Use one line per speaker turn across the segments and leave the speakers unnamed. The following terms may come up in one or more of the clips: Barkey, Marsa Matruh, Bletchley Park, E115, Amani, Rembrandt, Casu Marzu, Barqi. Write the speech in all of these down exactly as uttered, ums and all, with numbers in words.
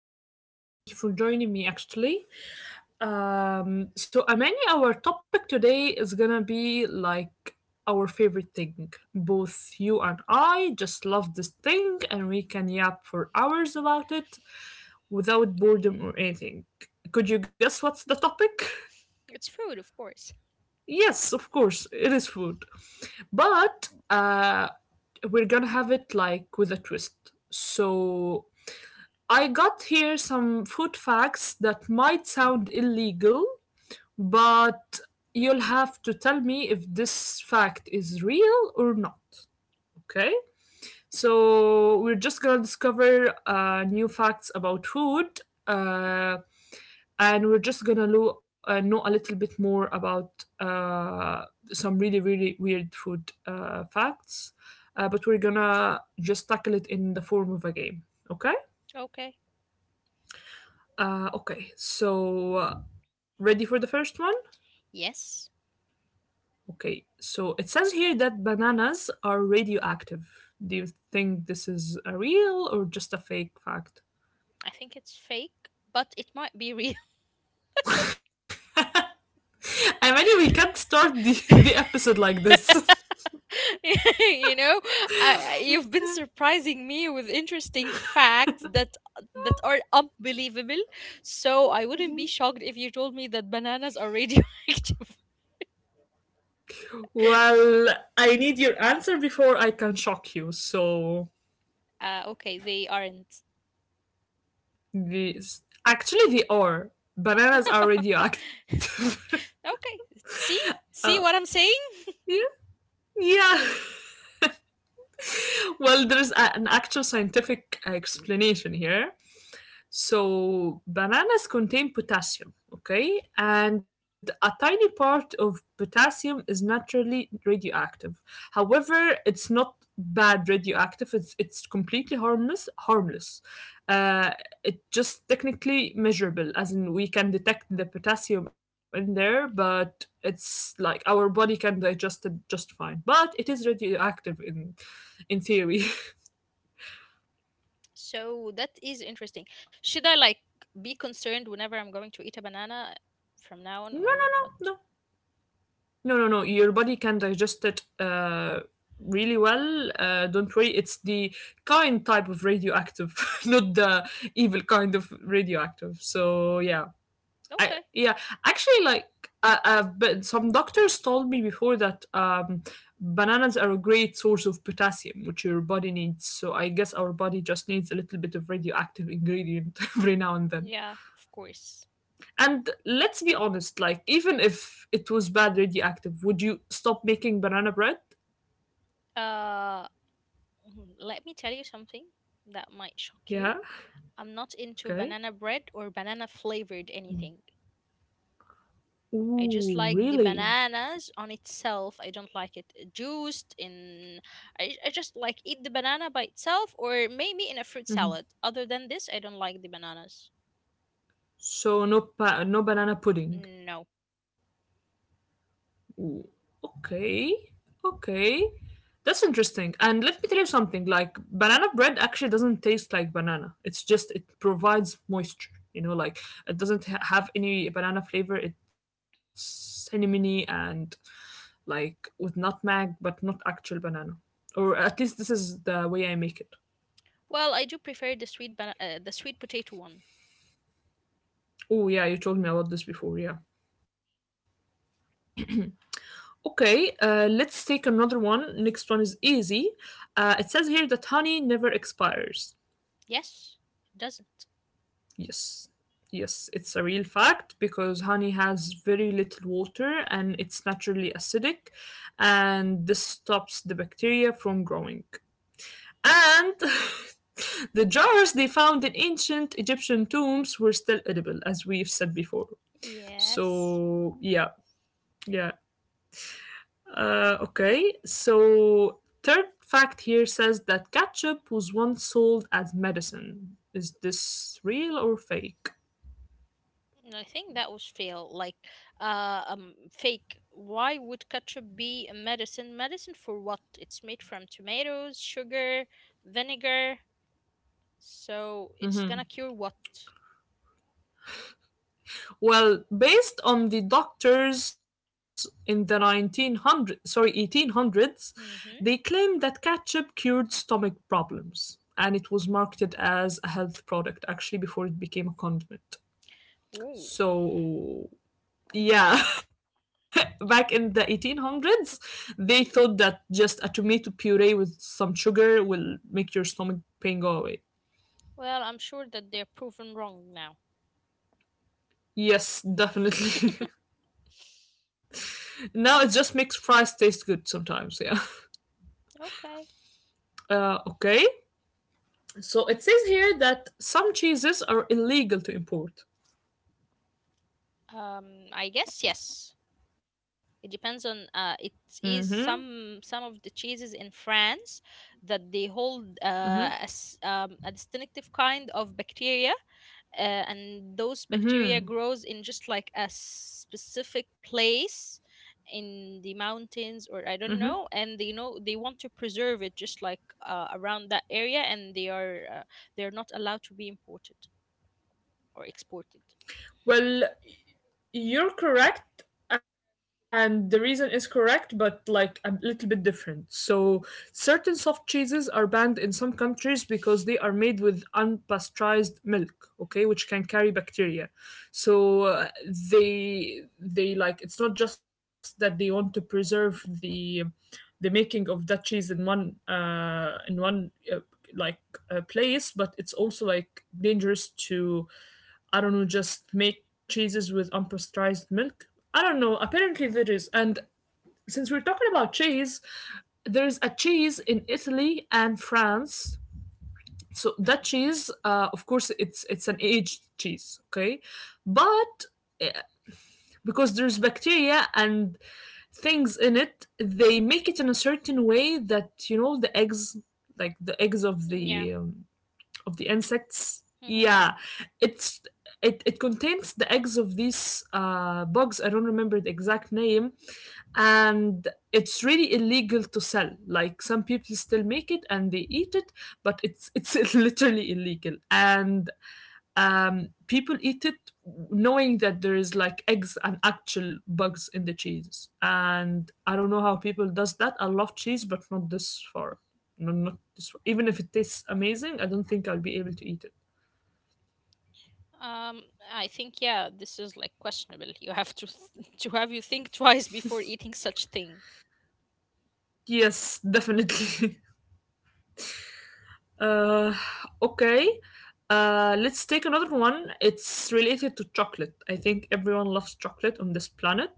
great. And thank you for joining me, actually. Um, so, Amani, our topic today is going to be like our favorite thing. Both you and I just love this thing, and we can yap for hours about it without boredom or anything. Could you guess what's the topic?
It's food, of course.
Yes, of course, it is food. But uh, we're gonna have it like with a twist. So I got here some food facts that might sound illegal, but you'll have to tell me if this fact is real or not. Okay? So we're just gonna discover uh, new facts about food. Uh, and we're just gonna lo- uh, know a little bit more about uh, some really really weird food uh, facts, uh, but we're gonna just tackle it in the form of a game, okay?
Okay.
uh, okay so uh, Ready for the first one?
Yes,
Okay, so it says here that bananas are radioactive. Do you think this is a real or just a fake fact?
I think it's fake, but it might be real.
I mean, we can't start the, the episode like this.
You know, I, I- you've been surprising me with interesting facts that that are unbelievable. So I wouldn't be shocked if you told me that bananas are radioactive.
Well, I need your answer before I can shock you. So
Uh, okay, they aren't.
this actually they are. Bananas are
Okay,
radioactive.
see,
uh,
see what I'm saying?
yeah, yeah. Well, there's a, an actual scientific explanation here. So, bananas contain potassium, okay? And a tiny part of potassium is naturally radioactive. However, it's not bad radioactive, it's, it's completely harmless. harmless. Uh, it's just technically measurable, as in we can detect the potassium in there, but it's like our body can digest it just fine. But it is radioactive in in theory.
So that is interesting. Should I like be concerned whenever I'm going to eat a banana from now on
No, no,
or what?
no, no. No, no, no. Your
So,
body can digest it uh, really well. Uh, don't worry. It's the kind type of radioactive, not the evil kind of radioactive.
mm,
So yeah, I
okay.
yeah. Actually, like, uh, uh, but some doctors told me before that um, bananas are a great source of potassium, which your body needs. So I guess our body just needs a little bit of radioactive ingredient every now and then.
Yeah, of course.
And let's be honest, like even if it was bad radioactive, would you stop making banana bread?
Uh, mm, Let me tell you something that might shock you.
Yeah.
I'm not into
Okay.
banana bread or banana flavored anything. I just
Ooh,
like the
really?
bananas on itself. I don't like it juiced in I, I just like eat the banana by itself or maybe in a fruit salad. Other than this, I don't like the bananas.
So no pa- no banana pudding.
No.
Ooh. Okay. Okay. That's interesting. And let me tell you something, like banana bread actually doesn't taste like banana. It's just it provides moisture, you know, like it doesn't ha- have any banana flavor. It's cinnamony and like with nutmeg, but not actual banana. Or at least this is the way I make it.
Well, I do prefer the sweet bana- uh, the sweet potato one.
Oh, yeah, you told me about this before, yeah. Okay, uh, let's take another one. Next one is easy. Uh, it says here that honey never expires.
Yes, it doesn't.
Yes, yes, it's a real fact because honey has very little water and it's naturally acidic, and this stops the bacteria from growing. And the jars they found in ancient Egyptian tombs were still edible, as we've said before.
Yes.
So, yeah, yeah. Uh, okay, so third fact here says that ketchup was once sold as medicine. Is this real or fake?
And I think that was fail. Like, uh, um, fake. Why would ketchup be a medicine? Medicine for what? It's made from tomatoes, sugar, vinegar. So it's gonna cure what?
Well, based on the doctors in the nineteen hundred, sorry, eighteen hundreds, they
Mm-hmm.
claimed that ketchup cured stomach problems and it was marketed as a health product actually before it became a condiment.
Ooh.
So yeah, back in the eighteen hundreds, they thought that just a tomato puree with some sugar will make your stomach pain go away.
Well, I'm sure that they're proven wrong now.
Yes, definitely. Now it just makes fries taste good sometimes, yeah.
Okay.
Uh, okay. So it says here that some cheeses are illegal to import.
Um, I guess yes. It depends on uh, it is
Hmm.
some some of the cheeses in France that they hold uh, a, s- um, a distinctive kind of bacteria, uh, and those bacteria grows in just like a specific place in the mountains or I don't know, and they know they want to preserve it just like uh, around that area, and they are uh, they are not allowed to be imported or exported.
Well, you're correct, and the reason is correct, but like a little bit different. So, certain soft cheeses are banned in some countries because they are made with unpasteurized milk, okay, which can carry bacteria. So, uh, they they like it's not just that they want to preserve the the making of that cheese in one uh in one uh, like uh, place, but it's also like dangerous to I don't know, just make cheeses with unpasteurized milk. I don't know. Apparently there is. And since we're talking about cheese, there's a cheese in Italy and France. So that cheese, uh, of course, it's it's an aged cheese, okay? But uh, because there's bacteria and things in it, they make it in a certain way that you know the eggs, like the eggs of
Mm, Yeah.
the um, of the insects.
mm-hmm.
Yeah, it's it, it contains the eggs of these uh, bugs. I don't remember the exact name, and it's really illegal to sell. Like some people still make it and they eat it, but it's it's literally illegal. And um, people eat it knowing that there is like eggs and actual bugs in the cheese, and I don't know how people does that. I love cheese, but not this far. No, not this far. Even if it tastes amazing, I don't think I'll be able to eat it.
Um, I think yeah, this is like questionable. You have to th- to have you think twice before eating such thing.
Yes, definitely. Uh, okay. Uh, let's take another one. It's related to chocolate. I think everyone loves chocolate on this planet.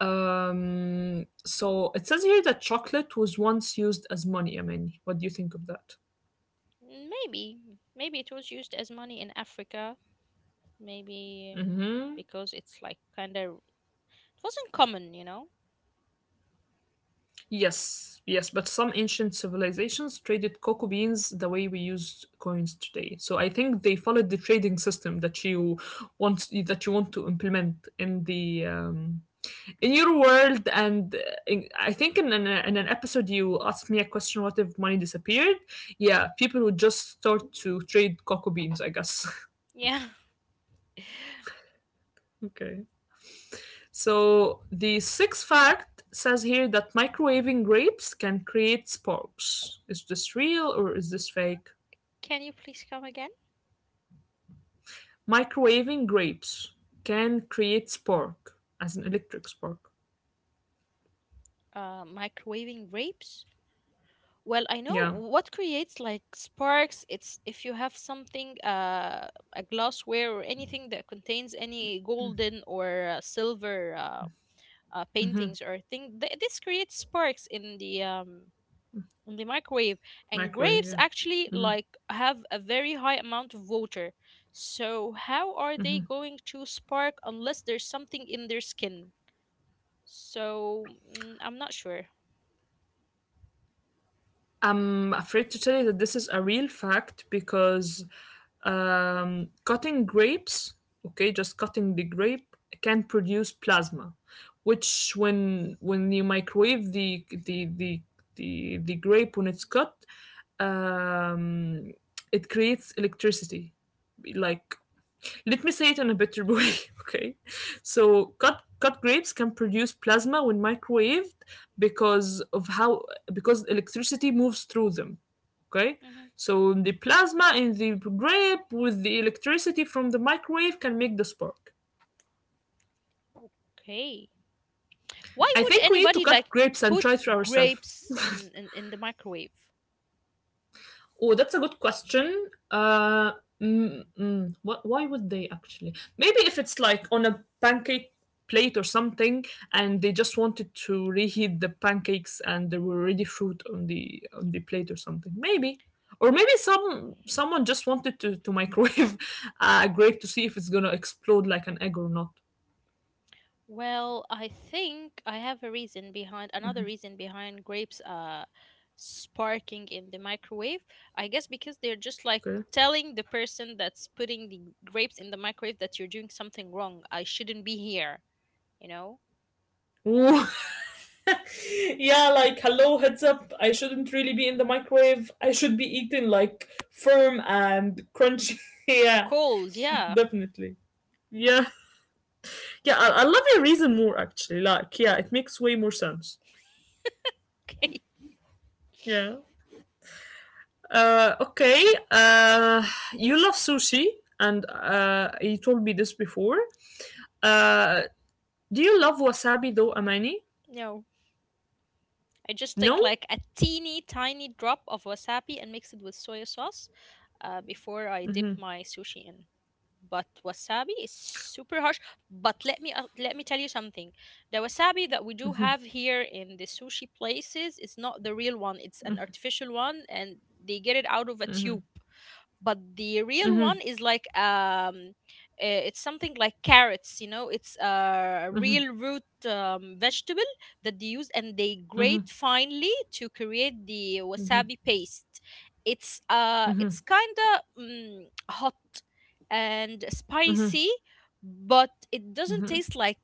Um, so it says here that chocolate was once used as money. I mean, what do you think of that?
Mm, Maybe, Maybe it was used as money in Africa. Maybe um,
Hmm.
Because it's like kind of it wasn't common, you know.
Yes, yes, but some ancient civilizations traded cocoa beans the way we use coins today. So I think they followed the trading system that you want that you want to implement in the um, in your world, and uh, in, I think in an, uh, in an episode you asked me a question, what if money disappeared? Yeah, people would just start to trade cocoa beans, I guess.
Yeah.
Okay, so the sixth fact says here that microwaving grapes can create sparks. Is this real or is this fake?
Can you please come again?
Microwaving grapes can create spark, as an electric spark.
Uh, microwaving grapes. Well, I know
Yeah,
what creates like sparks. It's if you have something, uh, a glassware or anything that contains any golden or uh, silver. Uh, uh, paintings or thing. Th- this creates sparks in the um, in the microwave, and
microwave,
grapes
yeah.
actually like have a very high amount of water. So how are they going to spark unless there's something in their skin? So mm, I'm not sure.
I'm afraid to tell you that this is a real fact because um, cutting grapes, okay, just cutting the grape can produce plasma, which when when you microwave the the the the, the grape when it's cut, um, it creates electricity, like let me say it in a better way, okay? So, cut cut grapes can produce plasma when microwaved because of how, because electricity moves through them, okay?
hmm
So, the plasma in the grape with the electricity from the microwave can make the spark.
Okay, why
I
would
think we need to
anybody
cut
like
grapes and
put
try it for ourselves.
grapes in in, in the microwave?
Oh, that's a good question. Uh, mm, mm, wh- why would they actually? Maybe if it's like on a pancake plate or something, and they just wanted to reheat the pancakes, and there were already fruit on the on the plate or something. Maybe, or maybe some someone just wanted to to microwave a grape to see if it's gonna explode like an egg or not.
Well, I think I have a reason behind another reason behind grapes uh sparking in the microwave. I guess because they're just like
Okay.
telling the person that's putting the grapes in the microwave that you're doing something wrong. I shouldn't be here, you know?
Ooh. Yeah, like hello, heads up. I shouldn't really be in the microwave. I should be eaten like firm and crunchy.
And
Yeah,
cold, yeah.
definitely. Yeah, yeah. I, I love your reason more actually. Like, yeah, it makes way more sense.
Okay.
Yeah. Uh, okay. Uh, you love sushi, and uh, you told me this before. Uh, do you love wasabi though, Amani?
No. I just take
No.
like a teeny tiny drop of wasabi and mix it with soy sauce uh, before I dip my sushi in. But wasabi is super harsh. But let me uh, let me tell you something. The wasabi that we do have here in the sushi places is not the real one. It's an artificial one, and they get it out of a tube, but the real one is like um uh, it's something like carrots, you know, it's a real root um, vegetable that they use and they grate finely to create the wasabi paste. It's uh it's kind of mm, hot and spicy, but it doesn't taste like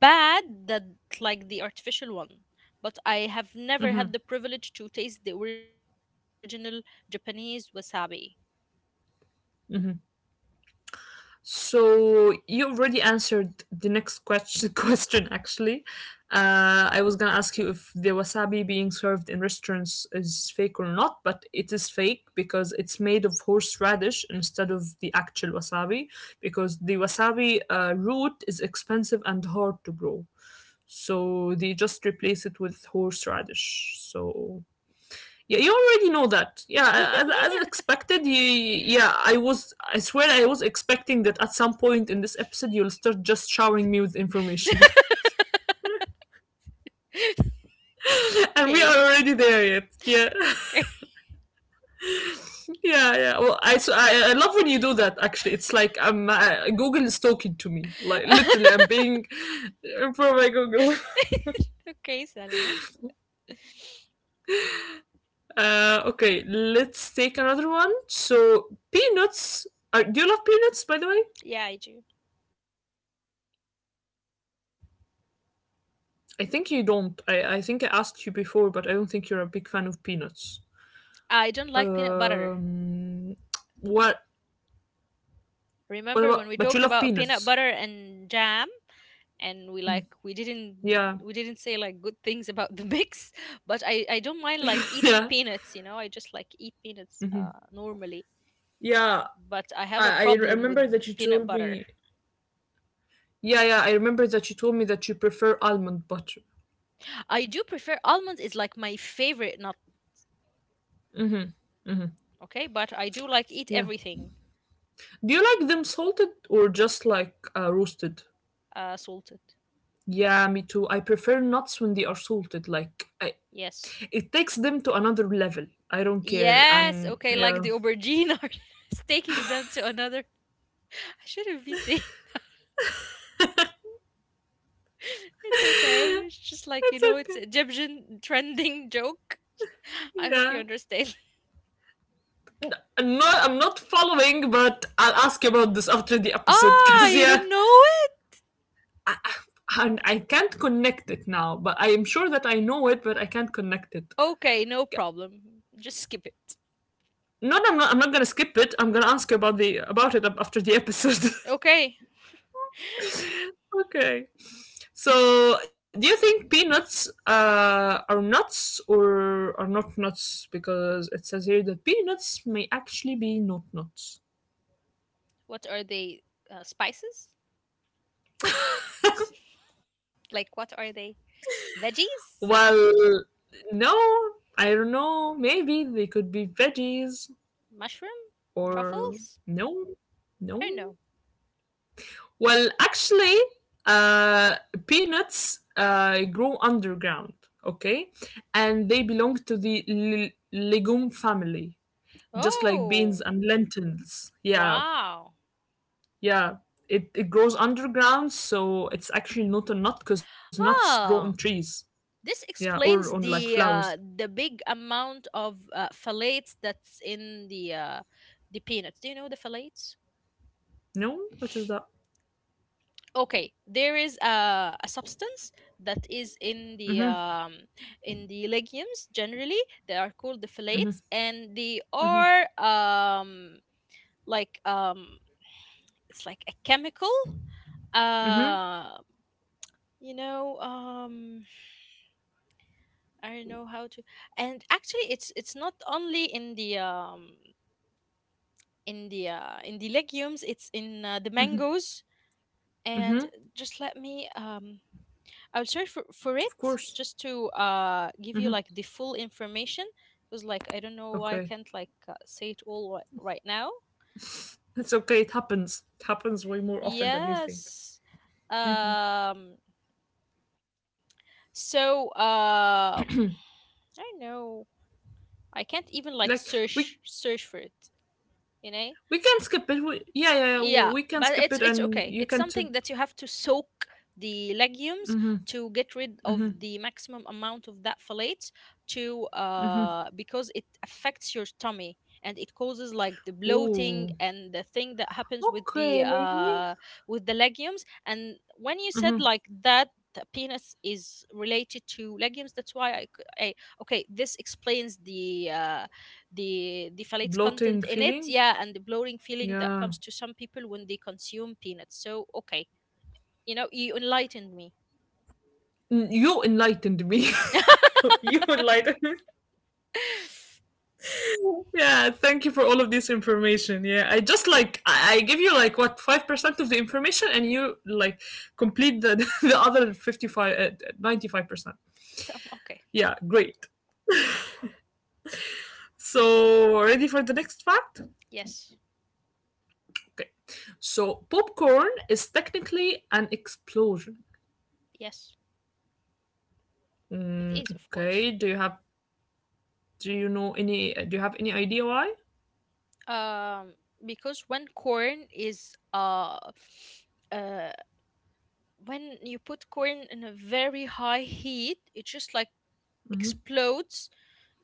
bad, that like the artificial one. But I have never had the privilege to taste the original Japanese wasabi.
So you already answered the next question. Question actually, uh, I was gonna ask you if the wasabi being served in restaurants is fake or not, but it is fake because it's made of horseradish instead of the actual wasabi. Because the wasabi uh, root is expensive and hard to grow, so they just replace it with horseradish. So yeah, you already know that. Yeah, as, as expected. You, yeah, I was. I swear, I was expecting that at some point in this episode you'll start just showering me with information, and we are
Okay.
already there yet. Yeah,
Okay.
yeah, yeah. Well, I, so I, I love when you do that. Actually, it's like I'm uh, Google is talking to me. Like literally, I'm being for my Google.
Okay, Salma.
Uh, okay, let's take another one. So peanuts. Are, do you love peanuts, by the way?
Yeah, I do.
I think you don't. I, I think I asked you before, but I don't think you're a big fan of peanuts.
I don't like
Um,
peanut butter.
what? What about? But you love
Remember when we
peanuts.
talked about peanut butter and jam and we like we
Yeah,
didn't we didn't say like good things about the mix, but I I don't mind like eating
yeah,
peanuts, you know. I just like eat peanuts uh normally,
yeah.
but I have a
I, I
problem
remember
with
that
the
you
peanut
told
butter.
me. Yeah, yeah. I remember that you told me that you prefer almond butter.
I do prefer almonds, is like my favorite nut, okay? But I do like eat
Yeah.
everything.
Do you like them salted or just like uh, roasted?
Uh salted.
Yeah, me too. I prefer nuts when they are salted. Like, I,
Yes.
it takes them to another level. I don't care.
Yes,
And
okay, like
yeah,
the aubergine artist taking them to another. I shouldn't be saying, it's okay. It's just like, you
it's
know, it's
okay.
Egyptian trending joke. I hope you
Yeah.
understand.
N- I'm not, I'm not following, but I'll ask you about this after the episode
Ah,
because,
you
yeah,
don't know
I, I, I can't connect it now, but I am sure that I know it, but I can't connect it.
it? Okay, no problem. Just skip it.
No, no, I'm not, I'm not gonna skip it. I'm gonna ask you about the about it after the episode.
Okay.
okay. So, do you think peanuts uh, are nuts or are not nuts? Because it says here that peanuts may actually be not nuts.
What are they? Uh, spices? Like what are they? Veggies?
Well, no, I don't know. Maybe they could be veggies
Mushroom?
or
Truffles?
no,
I
no.
don't know.
Well, actually, uh, peanuts uh, grow underground, okay? And they belong to the l- legume family, just like beans
Oh,
and lentils. Yeah,
wow.
yeah. It, it grows underground, so it's actually not a nut because nuts grow
Ah.
on trees.
This
Yeah, or
explains
on like
the uh,
flowers.
the big amount of uh, phthalates that's in the uh, the peanuts. Do you know the phthalates?
No? What is that?
Okay, there is a, a substance that is in the um, in the legumes generally. They are called the phthalates, and they are um, like um, it's like a chemical. Uh, you know, um, I don't know how to and actually it's it's not only in the um in the uh, in the legumes, it's in uh, the mangoes and
Mm-hmm.
just let me um I'll search for,
Of
for
course.
it just to uh give you like the full information, because like I don't know why I
Okay.
can't like uh, say it all right, right now.
It's okay. It happens. It happens way more often than you think.
Yes. um so um I don't know, I can't even
Like
like
we
search search for it, you know.
we can skip it. We, yeah, yeah, yeah,
Yeah,
we can
but
skip
it's
it,
it's
and
okay,
you
it's
can. T-
something that you have to soak the legumes to get rid of the maximum amount of that folate, to uh because it affects your tummy, and it causes like the bloating
Ooh.
and the thing that happens with the
Okay.
uh with the legumes. And when you said
hmm
like that the penis is related to legumes, that's why I, c- I- okay, this explains the uh the the phthalate
Bloating
content in it.
feeling.
Yeah, and the blurring feeling that
Yeah.
comes to some people when they consume peanuts. So okay, you know, you enlightened me.
N- You enlightened me. you enlightened me. Yeah. Thank you for all of this information. Yeah. I just like I, I give you like what five percent of the information, and you like complete the the other fifty-five ninety-five percent.
Okay.
Yeah. Great. So, ready for the next fact?
Yes.
Okay. So, popcorn is technically an explosion.
Yes, it is, of course.
Okay. Do you have do you know any do you have any idea why?
um because when corn is uh uh when you put corn in a very high heat, it just like explodes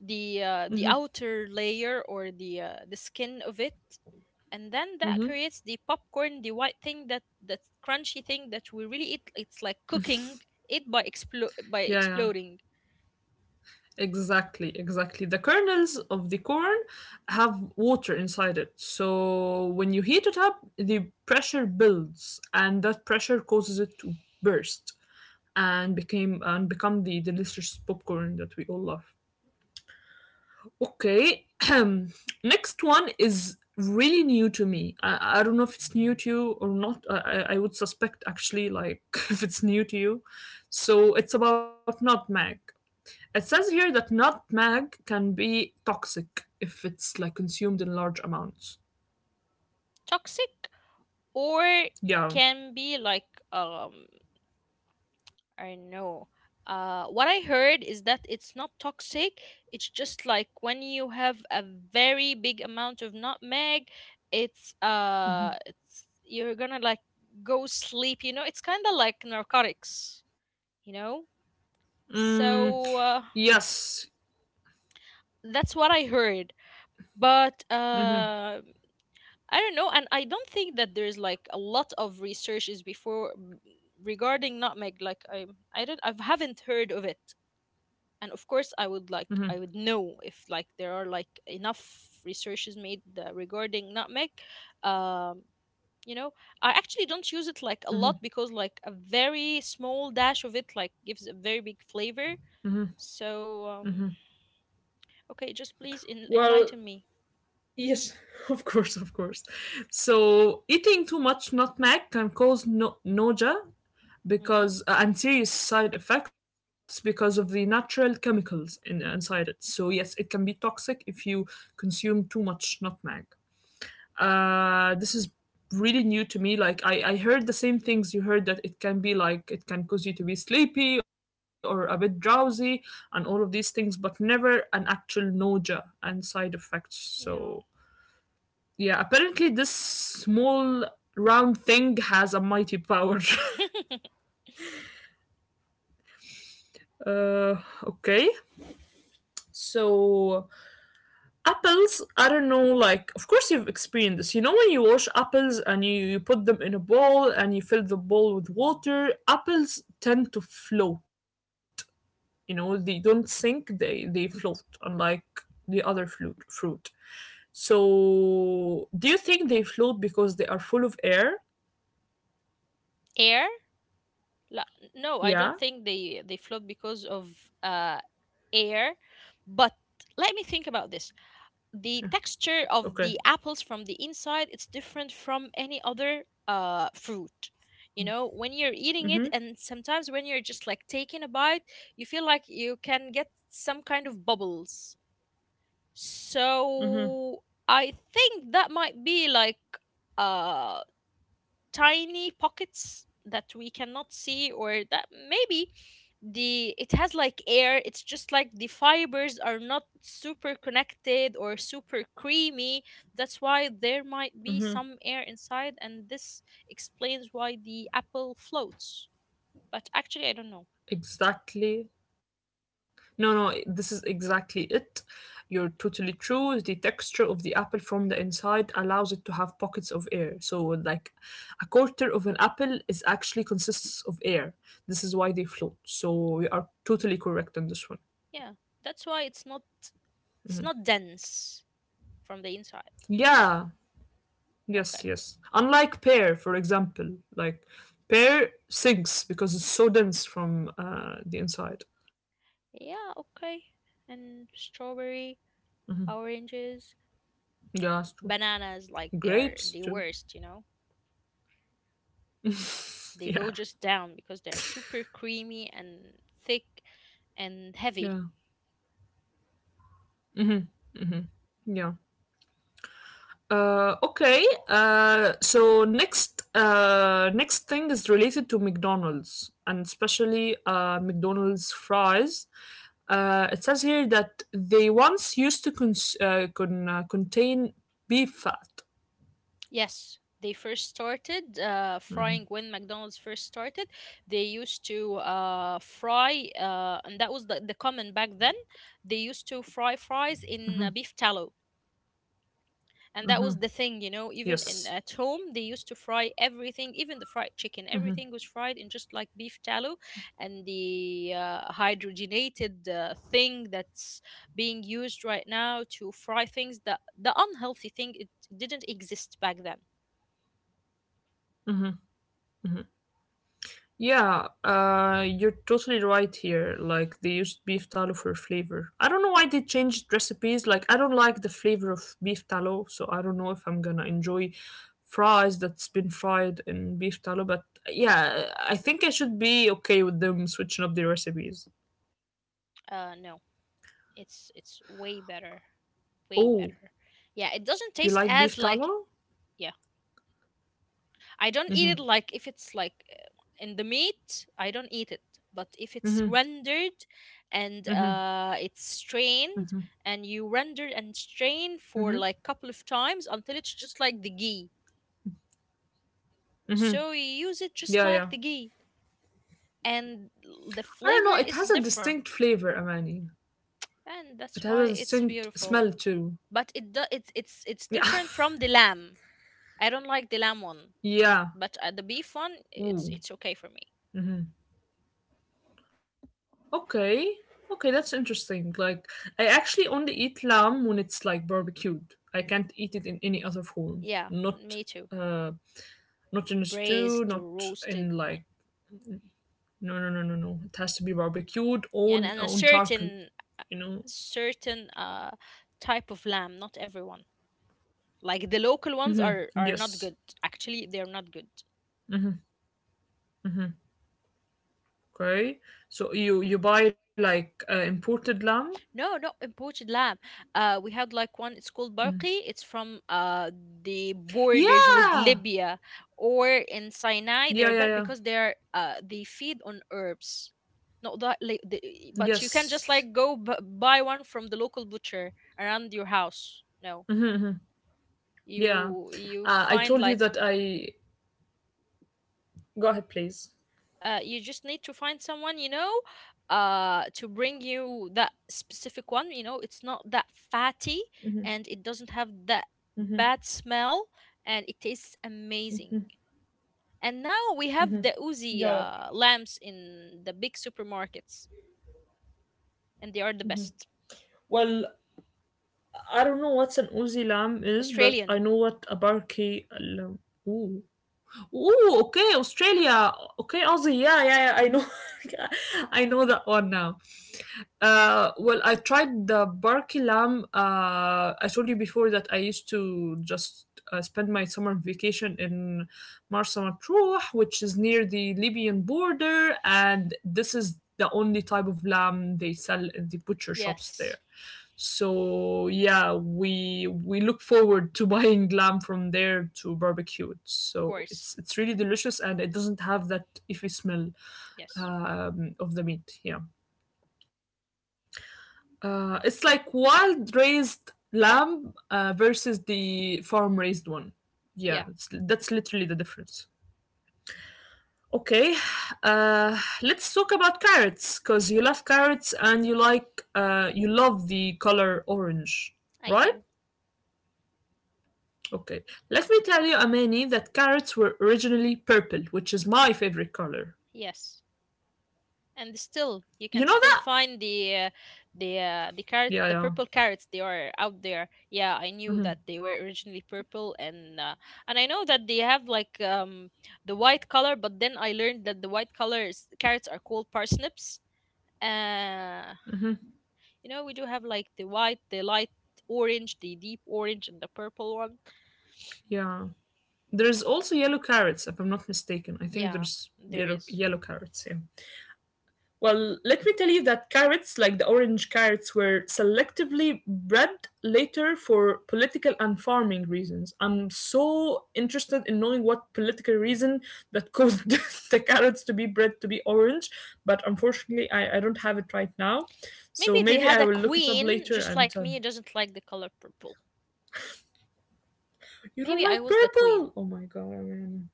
the uh, the outer layer or the uh, the skin of it, and then that creates the popcorn, the white thing, that that crunchy thing that we really eat. It's like cooking it by explo- by
Yeah, yeah.
exploding.
Exactly, exactly. The kernels of the corn have water inside it. So, when you heat it up, the pressure builds and that pressure causes it to burst and became and become the delicious popcorn that we all love. Okay. Next one is really new to me. I, I don't know if it's new to you or not. I, I I would suspect actually, like, if it's new to you. So it's about nutmeg. It says here that nutmeg can be toxic if it's like consumed in large amounts.
Toxic or
Yeah.
can be like um I don't know, uh what I heard is that it's not toxic, it's just like when you have a very big amount of nutmeg it's uh it's you're gonna like go sleep, you know, it's kind of like narcotics, you know.
Mm,
So uh,
yes.
that's what I heard. But
hmm
uh, I don't know, and I don't think that there's like a lot of researches before mm, regarding nutmeg. Like I, I don't, I haven't heard of it. And of course, I would like, I would know if like there are like enough researches made uh, regarding nutmeg. Um, you know, I actually don't use it like a lot because like a very small dash of it like gives a very big flavor. So um, okay, just please en-
Well,
enlighten me.
yes, of course, of course. So eating too much nutmeg can cause no- nausea,
Mm-hmm.
because uh, and serious side effects because of the natural chemicals in, inside it. So yes, it can be toxic if you consume too much nutmeg. Uh, this is really new to me. Like I, I heard the same things you heard that it can be like it can cause you to be sleepy or a bit drowsy and all of these things, but never an actual nausea and side effects. So
Yeah.
yeah, apparently this small round thing has a mighty power. uh, okay. So apples, I don't know, like of course you've experienced this. You know when you wash apples and you, you put them in a bowl and you fill the bowl with water, apples tend to float. You know, they don't sink, they they float, unlike the other fruit fruit. So do you think they float because they are full of air?
Air. La- no, I don't think
Yeah.
they they float because of uh air, but let me think about this. The texture of the
Okay.
apples from the inside, it's different from any other uh fruit. You know, when you're eating it and sometimes when you're just like taking a bite, you feel like you can get some kind of bubbles. So I think that might be like uh, tiny pockets that we cannot see, or that maybe the it has like air, it's just like the fibers are not super connected or super creamy, that's why there might be some air inside, and this explains why the apple floats, but actually I don't know.
Exactly. No, no, this is exactly it. You're totally true. The texture of the apple from the inside allows it to have pockets of air. So, like a quarter of an apple is actually consists of air. This is why they float. So, we are totally correct on this one.
Yeah, that's why it's not it's not dense from the inside.
Yeah, yes,
Okay.
yes. Unlike pear, for example, like pear sinks because it's so dense from uh, the inside.
Yeah. Okay. And strawberry, oranges,
Yeah, it's true.
bananas, like they are
Grapes
the
too.
worst, you know, they
Yeah,
go just down because they're super creamy and thick
yeah,
and heavy.
yeah. Uh, okay. Uh, so next, uh, next thing is related to McDonald's and especially uh, McDonald's fries. Uh, it says here that they once used to cons- uh, con- uh, contain beef fat.
Yes, they first started uh, frying. When McDonald's first started, they used to uh, fry uh, and that was the, the common back then. They used to fry fries in uh, beef tallow, and that was the thing, you know, even in
Yes.
at home, they used to fry everything, even the fried chicken, everything was fried in just like beef tallow. And the uh, hydrogenated uh, thing that's being used right now to fry things, that the unhealthy thing, it didn't exist back then.
Mm-hmm. Yeah, uh, you're totally right here. Like they used beef tallow for flavor. I don't know why they changed recipes. Like I don't like the flavor of beef tallow, so I don't know if I'm gonna enjoy fries that's been fried in beef tallow. But yeah, I think I should be okay with them switching up the recipes.
Uh no, it's it's way better, way
Oh,
better. Yeah, it doesn't taste
you like
as
beef
like.
tallow?
Yeah, I don't eat it, like if it's like uh, in the meat, I don't eat it. But if it's rendered and uh, it's strained, and you render and strain for like couple of times until it's just like the ghee. So you use it just
Yeah,
like
yeah.
the ghee, and l- the
I don't
flavor
know. It
is
has a
different,
distinct flavor, Amani.
and
It
that's
has
why
a
it's
distinct
beautiful.
smell too.
But it do, it's it's it's
Yeah,
different from the lamb. I don't like the lamb one,
yeah.
but uh, the beef one it's it's
Ooh.
okay for me.
Okay. Okay, that's interesting. Like, I actually only eat lamb when it's like barbecued. I can't eat it in any other form.
Yeah,
Not,
me too.
uh, not in a stew.
Braised,
Not
roasted,
in
no,
like no, no, no, no, no. It has to be barbecued
yeah,
on
and a
on charcoal.
certain uh,
You know.
certain uh type of lamb. Not everyone. Like the local ones are are not
Yes.
good. Actually, they are not good.
Okay. So you you buy like uh, imported lamb?
No, not imported lamb. Uh, we had like one. It's called Barqi. It's from uh the borders with
Yeah.
Libya or in Sinai.
Yeah.
They're
Yeah.
better
Yeah.
because they're uh they feed on herbs. Not that, like, the, but you can just
Yes.
like go b- buy one from the local butcher around your house. No,
Yeah.
you you
Uh, I
find
told you
like
that I. Go ahead, please.
uh, you just need to find someone you know uh to bring you that specific one, you know, it's not that fatty and it doesn't have that bad smell and it tastes amazing. And now we have the uzi
Yeah.
uh, lamps in the big supermarkets and they are the best.
Well, I don't know what's an Uzi lamb is, but I
Australian,
know what a Barkey lamb. Ooh, ooh, okay, Australia. Okay, Aussie. Yeah, yeah, yeah. I know. I know that one now. Uh, well, I tried the Barley lamb. Uh, I told you before that I used to just uh, spend my summer vacation in Marsa Matruh, which is near the Libyan border, and this is the only type of lamb they sell in the butcher shops there.
yes.
So yeah, we we look forward to buying lamb from there to barbecue it.
Of
So
course,
it's it's really delicious, and it doesn't have that iffy smell
yes.
um, of the meat. Yeah. Uh, it's like wild raised lamb uh, versus the farm raised one. Yeah, it's,
Yeah,
that's literally the difference. Okay, uh, let's talk about carrots because you love carrots and you like uh, you love the color orange,
I
right?
do.
Okay, let me tell you, Amani, that carrots were originally purple, which is my favorite color.
Yes, and still you
You
can
know
still
that?
find the uh, the uh, the carrot
Yeah,
the
yeah,
purple carrots, they are out there. Yeah, I knew that they were originally purple, and uh, and I know that they have like um the white color, but then I learned that the white colors carrots are called parsnips. Uh, you know, we do have like the white, the light orange, the deep orange, and the purple one.
yeah. There's also yellow carrots, if I'm not mistaken. I think
Yeah,
there's
there
yellow
is.
yellow carrots. Yeah. Well, let me tell you that carrots, like the orange carrots, were selectively bred later for political and farming reasons. I'm so interested in knowing what political reason that caused the carrots to be bred to be orange, but unfortunately, I, I don't have it right now. So
Maybe they
maybe
had
I
a
will look it up
queen
later
just
and
like
tell you.
me, doesn't like the color purple.
You don't
Maybe I
like
was the queen.
purple? Oh my god, man.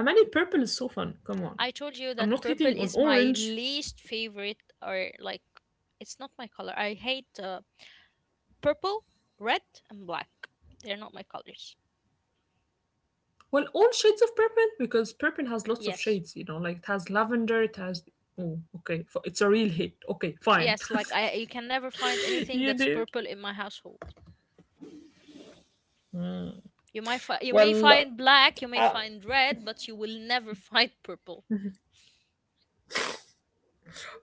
Amani, purple is so fun. Come on.
I told you
I'm
that
not
purple
hitting on
is my
orange.
least favorite, or like, it's not my color. I hate uh, purple, red, and black. They're not my colors.
Well, all shades of purple because purple has lots of
Yes,
shades, you know, like it has lavender, it has. Oh, okay. f- It's a real hit. Okay, fine.
yes. Like I, you can never find anything
you
that's
do.
purple in my household. You might, fi- you may
Well,
find black, you may
uh,
find red, but you will never find purple.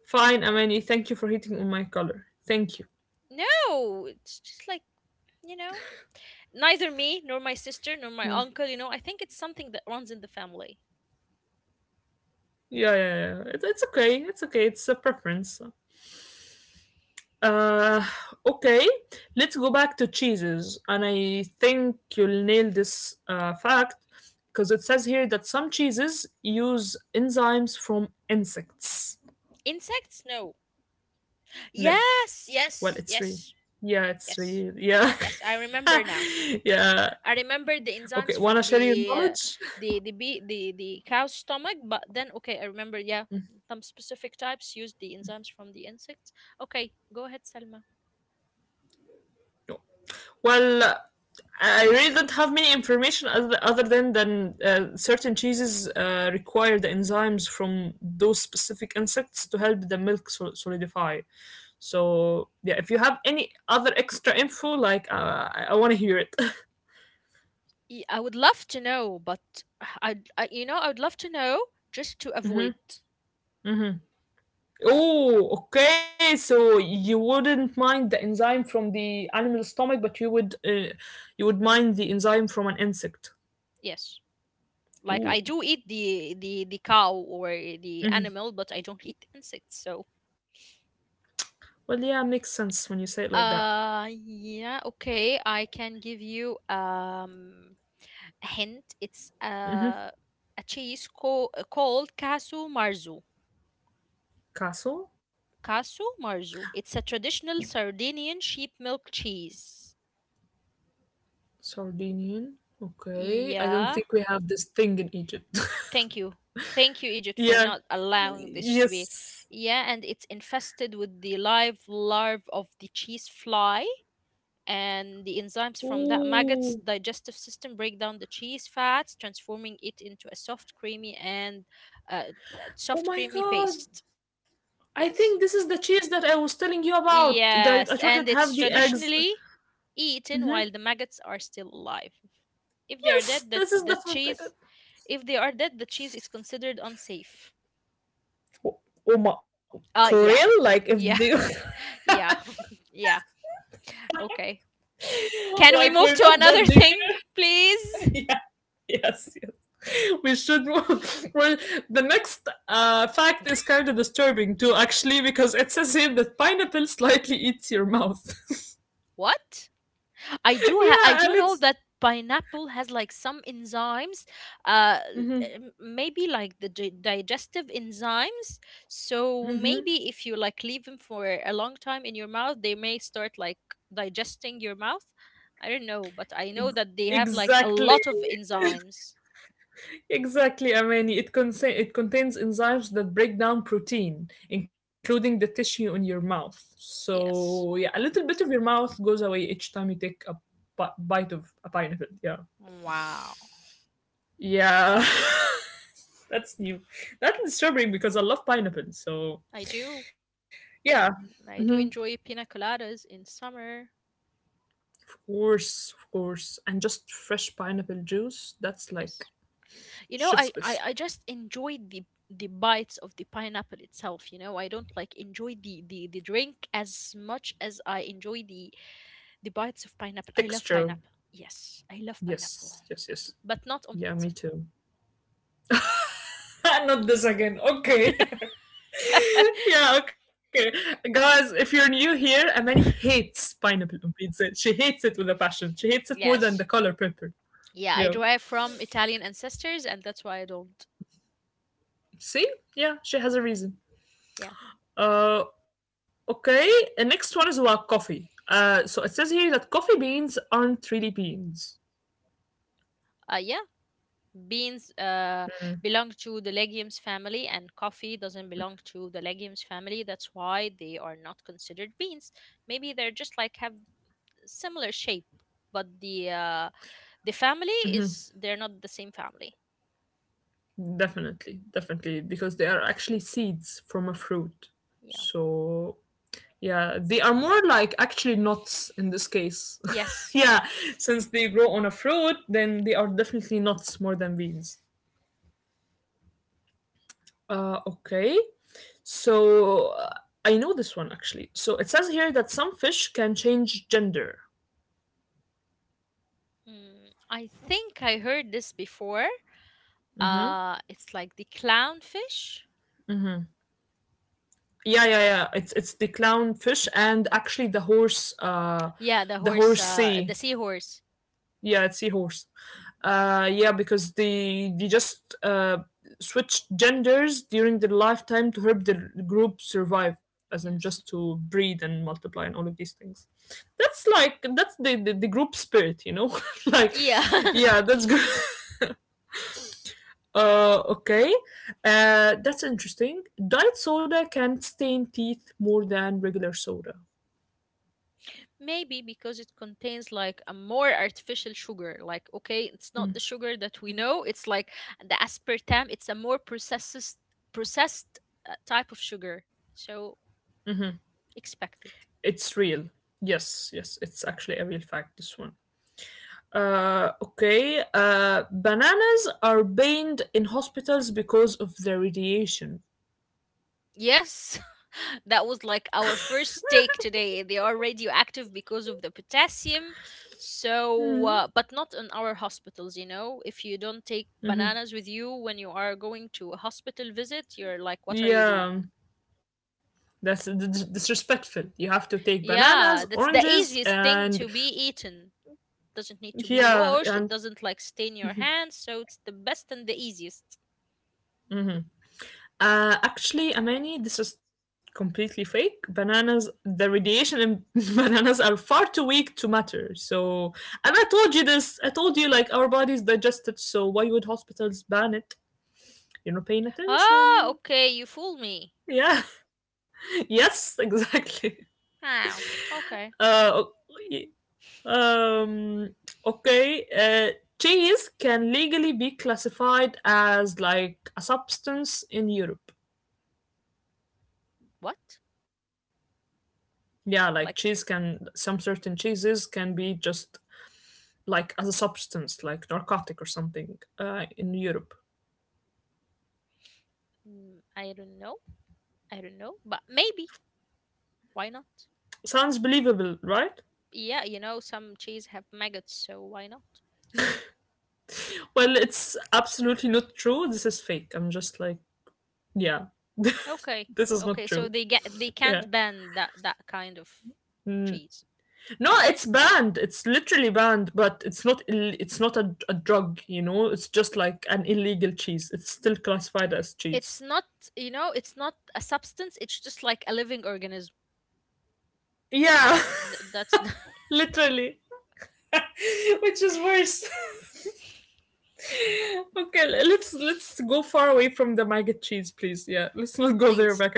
fine, Amani. Thank you for hitting on my color. Thank you.
No, it's just like, you know. Neither me nor my sister nor my
Yeah.
uncle. You know, I think it's something that runs in the family.
Yeah, yeah, yeah. It, it's okay. It's okay. It's a preference. Uh, okay. Let's go back to cheeses. And I think you'll nail this uh, fact because it says here that some cheeses use enzymes from insects.
Insects? No.
No.
Yes,
Well,
yes,
it's real.
yes,
Yeah, it's
yes.
real. Yeah.
Yes, I remember now.
Yeah.
I remember the
Okay,
enzymes
wanna
from
share your
the uh,
knowledge?
the the bee, the the cow's stomach, but then okay, I remember. Yeah, some specific types use the enzymes from the insects. Okay, go ahead, Selma.
Well, I really don't have many information other other than than uh, certain cheeses uh, require the enzymes from those specific insects to help the milk sol- solidify. So yeah, if you have any other extra info, like uh, I, I want to hear it.
Y- I would love to know, but i I you know I would love to know just to avoid.
hmm hmm Oh, okay. So you wouldn't mind the enzyme from the animal stomach, but you would uh, you would mind the enzyme from an insect.
Yes, like I
Ooh.
do eat the the the cow or the animal, but I don't eat insects. So
Well, yeah, makes sense when you say it like that.
Uh, yeah, okay. I can give you um a hint. It's uh, a cheese co- uh, called Casu Marzu.
Castle,
Casu Marzu. It's a traditional Sardinian sheep milk cheese.
Sardinian. Okay, I don't
Yeah.
think we have this thing in Egypt.
Thank you. Thank you, Egypt, for
yeah.
not allowing this to be.
Yes.
Yeah, and it's infested with the live larve of the cheese fly, and the enzymes from that maggot's
Ooh.
digestive system break down the cheese fats, transforming it into a soft creamy and uh, soft
Oh
creamy
my
paste.
God. I
Yes,
think this is the cheese that I was telling you about. That
yes,
I told you
and
it
it's
have the eggs.
traditionally eaten while
hmm
the maggots are still alive. If they are
Yes,
dead, the,
this is
the
the forbidden.
cheese, if they are dead, the cheese is considered unsafe.
Oh my,
uh
for
yeah.
real? Like if
Yeah.
they,
Yeah. Yeah. Okay, can we
like we're
move to
not
another
judging.
thing, please?
yeah, yes, yes. We should. Well, the next uh, fact is kind of disturbing too, actually, because it says here that pineapple slightly eats your mouth.
What? I do ha-
yeah,
I do
and
know
it's.
that pineapple has like some enzymes. uh l-
Hmm
m- maybe like the di- digestive enzymes, so
hmm
maybe if you like leave them for a long time in your mouth they may start like digesting your mouth. I don't know, but I know that they have like a
Exactly.
lot of enzymes.
Exactly, Amani. It, con it contains enzymes that break down protein, including the tissue in your mouth.
Yes.
So, yeah, a little bit of your mouth goes away each time you take a bi- bite of a pineapple. Yeah.
Wow.
Yeah. That's new. That's disturbing because I love pineapple. So,
I do.
yeah. hmm
I do enjoy pina coladas in summer.
Of course, of course. And just fresh pineapple juice, that's
Yes.
like
You know, I,
chef's
I,
kiss.
I just enjoy the the bites of the pineapple itself, you know. I don't like enjoy the, the, the drink as much as I enjoy the the bites of pineapple. I love
Texture.
pineapple. Yes, I love pineapple.
Yes, yes, yes.
But not on
Yeah, me
pizza.
too. Not this again. Okay. Yeah, okay. Guys, if you're new here, Amani hates pineapple on pizza. She hates it with a passion. She hates it more than the
Yes.
color purple.
Yeah,
Yeah.
I derive from Italian ancestors and that's why I don't.
See? Yeah, she has a reason.
Yeah.
Uh okay. The next one is about coffee. Uh so it says here that coffee beans aren't really beans.
Uh, yeah, beans uh, belong to the legumes family and coffee doesn't belong to the legumes family, that's why they are not considered beans. Maybe they're just like have similar shape, but the uh, the family is, they're not the same family.
Definitely, definitely, because they are actually seeds from a fruit.
Yeah,
So yeah, they are more like actually nuts in this case.
yes.
yeah, since they grow on a fruit, then they are definitely nuts more than beans. Uh, okay, so uh, I know this one actually. So it says here that some fish can change gender.
Mm, I think I heard this before. Uh, it's like the clownfish.
Yeah, yeah, yeah. It's it's the clownfish and actually the horse, uh,
Yeah, the
the
horse, uh,
horsey
the seahorse.
yeah, it's seahorse. Uh, yeah, because they they just uh, switched genders during their lifetime to help the group survive, as in just
Yes.
to breed and multiply and all of these things. That's like that's the the, the group spirit, you know. like,
Yeah.
yeah, that's good. Uh, okay. Uh, that's interesting. Diet soda can stain teeth more than regular soda.
Maybe because it contains like a more artificial sugar. Like, okay, it's not the sugar that we know. It's like the aspartame. It's a more processed, processed uh, type of sugar. So expect it.
It's real. Yes, yes, it's actually a real fact, this one. Uh, okay. Uh, bananas are banned in hospitals because of the radiation.
Yes, that was like our first take today. They are radioactive because of the potassium.
Hmm.
So, uh, but not in our hospitals. You know, if you don't take bananas with you when you are going to a hospital visit, you're like, what are you doing?
Yeah, that's d- d- disrespectful. You have to take bananas,
Yeah, that's
oranges,
the easiest
and
thing to be eaten. Doesn't need to be
yeah,
washed. It
and
doesn't like stain your hands, so it's the best and the easiest.
uh, actually, Amani, this is completely fake. Bananas, the radiation in bananas are far too weak to matter. So, and I told you this. I told you like our bodies digest it, so why would hospitals ban it? You're not paying
Ah,
attention.
okay, you fool me.
Yeah. Yes, exactly.
Wow. Okay.
Uh, o- um, okay. Uh, cheese can legally be classified as like a substance in Europe.
What?
Yeah,
Like
like cheese can, some certain cheeses can be just like as a substance, like narcotic or something uh, in Europe.
mm, I don't know. I don't know, but maybe. Why not?
Sounds believable, right?
Yeah, you know some cheese have maggots, so why not?
Well, it's absolutely not true. This is fake. I'm just like, yeah,
Okay.
this is not
Okay, so
true.
they get they
Yeah.
can't ban that that kind of cheese.
No, it's banned. It's literally banned, but it's not Ill- it's not a, a drug, you know? It's just like an illegal cheese. It's still classified as cheese.
It's not, you know, it's not a substance, it's just like a living organism. Yeah,
Yeah,
th- that's the
literally. Which is worse. okay, let's let's go far away from the maggot cheese, please. Yeah, let's not go there
please.
back.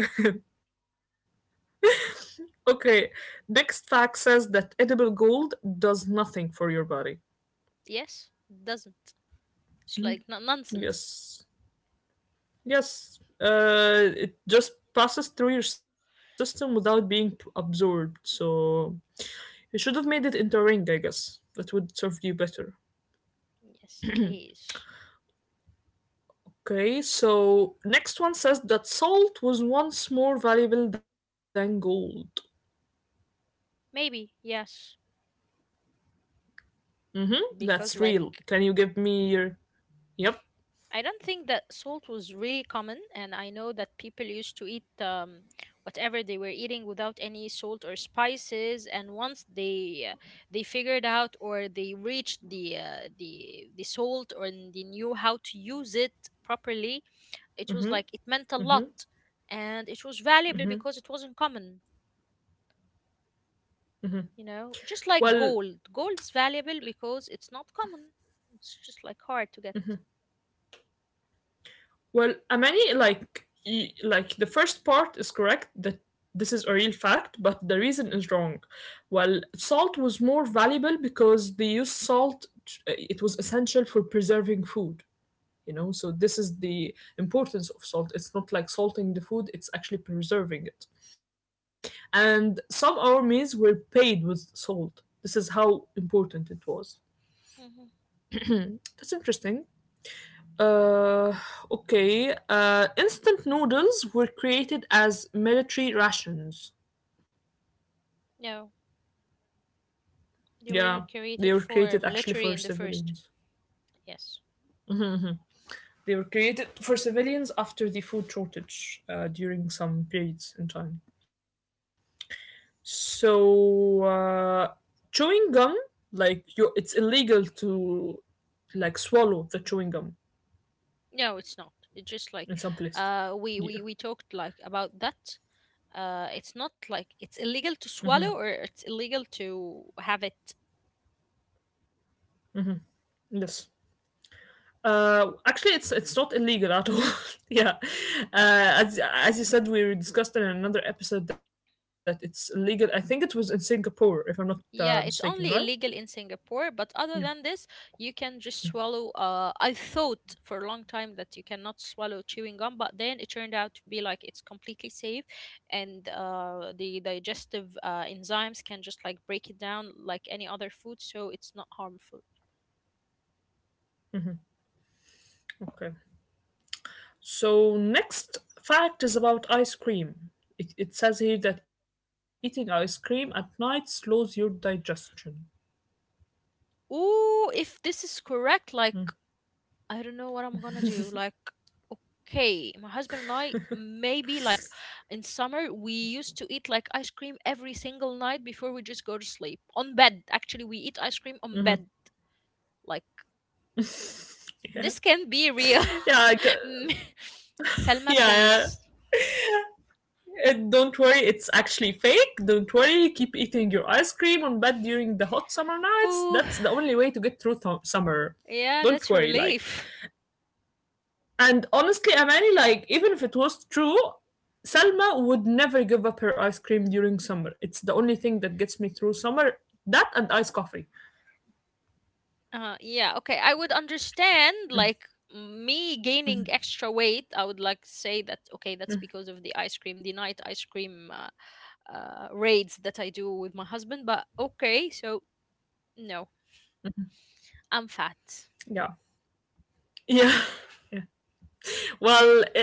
okay, next fact says that edible gold does nothing for your body.
Yes, doesn't, it's like no- nonsense.
Yes. Yes, uh, it just passes through your system without being p- absorbed. So you should have made it into a ring, I guess. That would serve you better.
Yes, please.
Okay, so next one says that salt was once more valuable than gold.
Maybe yes,
Mm-hmm,
because
that's
like
real. Can you give me your. Yep.
I don't think that salt was really common, and I know that people used to eat um, whatever they were eating without any salt or spices. And once they uh, they figured out or they reached the uh, the the salt or n- they knew how to use it properly, it was like it meant a lot, and it was valuable because it wasn't common. You know, just
Well,
like gold, gold is valuable because it's not common. It's just like hard to get.
Well, Amani, like y- like the first part is correct that this is a real fact, but the reason is wrong. Well, salt was more valuable because they used salt. It was essential for preserving food. You know, so this is the importance of salt. It's not like salting the food; it's actually preserving it. And some armies were paid with salt. This is how important it was.
Hmm.
That's interesting. Uh, okay. Uh, instant noodles were created as military rations.
Yeah. They
Yeah,
weren't
they
created
were
for
created actually
military
for
in the first.
civilians.
Yes.
They were created for civilians after the food shortage uh, during some periods in time. So, uh, chewing gum, like you, it's illegal to like swallow the chewing gum
No, it's not. It's just like
in some places.
uh we
Yeah.
we we talked like about that. Uh it's not like it's illegal to swallow or it's illegal to have it.
Yes. Uh, actually, it's it's not illegal at all. yeah, uh, as as you said, we discussed in another episode that it's illegal. I think it was in Singapore, if I'm not uh, mistaken,
Yeah,
right?
it's only illegal in Singapore,
Yeah.
but other than this, you can just swallow. Uh, I thought for a long time that you cannot swallow chewing gum, but then it turned out to be like it's completely safe, and uh, the digestive uh, enzymes can just like break it down like any other food, so it's not harmful.
Okay. So next fact is about ice cream. It, it says here that eating ice cream at night slows your digestion.
Ooh, if this is correct, like I don't know what I'm gonna do. Like, okay, my husband and I maybe like in summer we used to eat like ice cream every single night before we just go to sleep on bed. Actually, we eat ice cream on bed. Like
Yeah.
this can be real.
Yeah. I, g-
Selma,
yeah, yeah.
please.
And don't worry, it's actually fake. Don't worry, keep eating your ice cream on bed during the hot summer nights.
Oh,
That's the only way to get through th- summer.
yeah,
Don't
that's a
worry, like.
relief.
And honestly, Amani, like, even if it was true, Selma would never give up her ice cream during summer. It's the only thing that gets me through summer. That and iced coffee.
Uh, yeah, okay. I would understand like me gaining extra weight. I would like say that okay, that's because of the ice cream, the night ice cream uh, uh, raids that I do with my husband. But okay, so no, I'm fat.
Yeah. Yeah. yeah. Well, uh,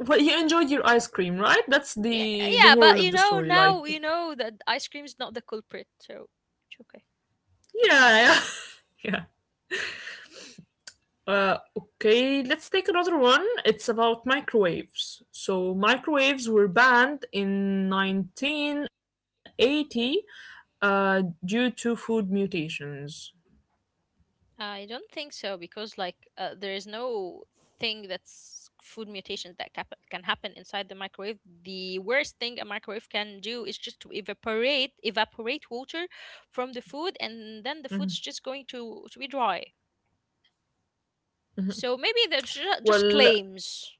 well, you enjoyed your ice cream, right? That's
Yeah,
the the
yeah, but
moral of
you
the
know
story.
now
Like,
you know that ice cream is not the culprit, so it's okay.
yeah, yeah, yeah. Uh, okay, let's take another one. It's about microwaves. So, microwaves were banned in nineteen eighty uh, due to food mutations.
I don't think so because like uh, there is no thing that's food mutations that cap- can happen inside the microwave. The worst thing a microwave can do is just to evaporate evaporate water from the food, and then the
Mhm.
food's just going to to be dry. So maybe they're ju- just
Well,
claims.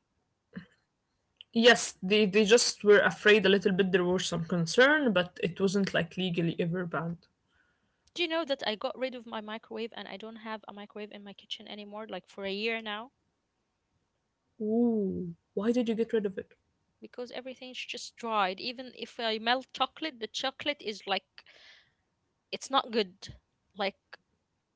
yes, they, they just were afraid a little bit. There was some concern, but it wasn't like legally ever banned.
Do you know that I got rid of my microwave and I don't have a microwave in my kitchen anymore, like for a year now,
Ooh, why did you get rid of it?
because everything's just dried. Even if I melt chocolate, the chocolate is like it's not good, like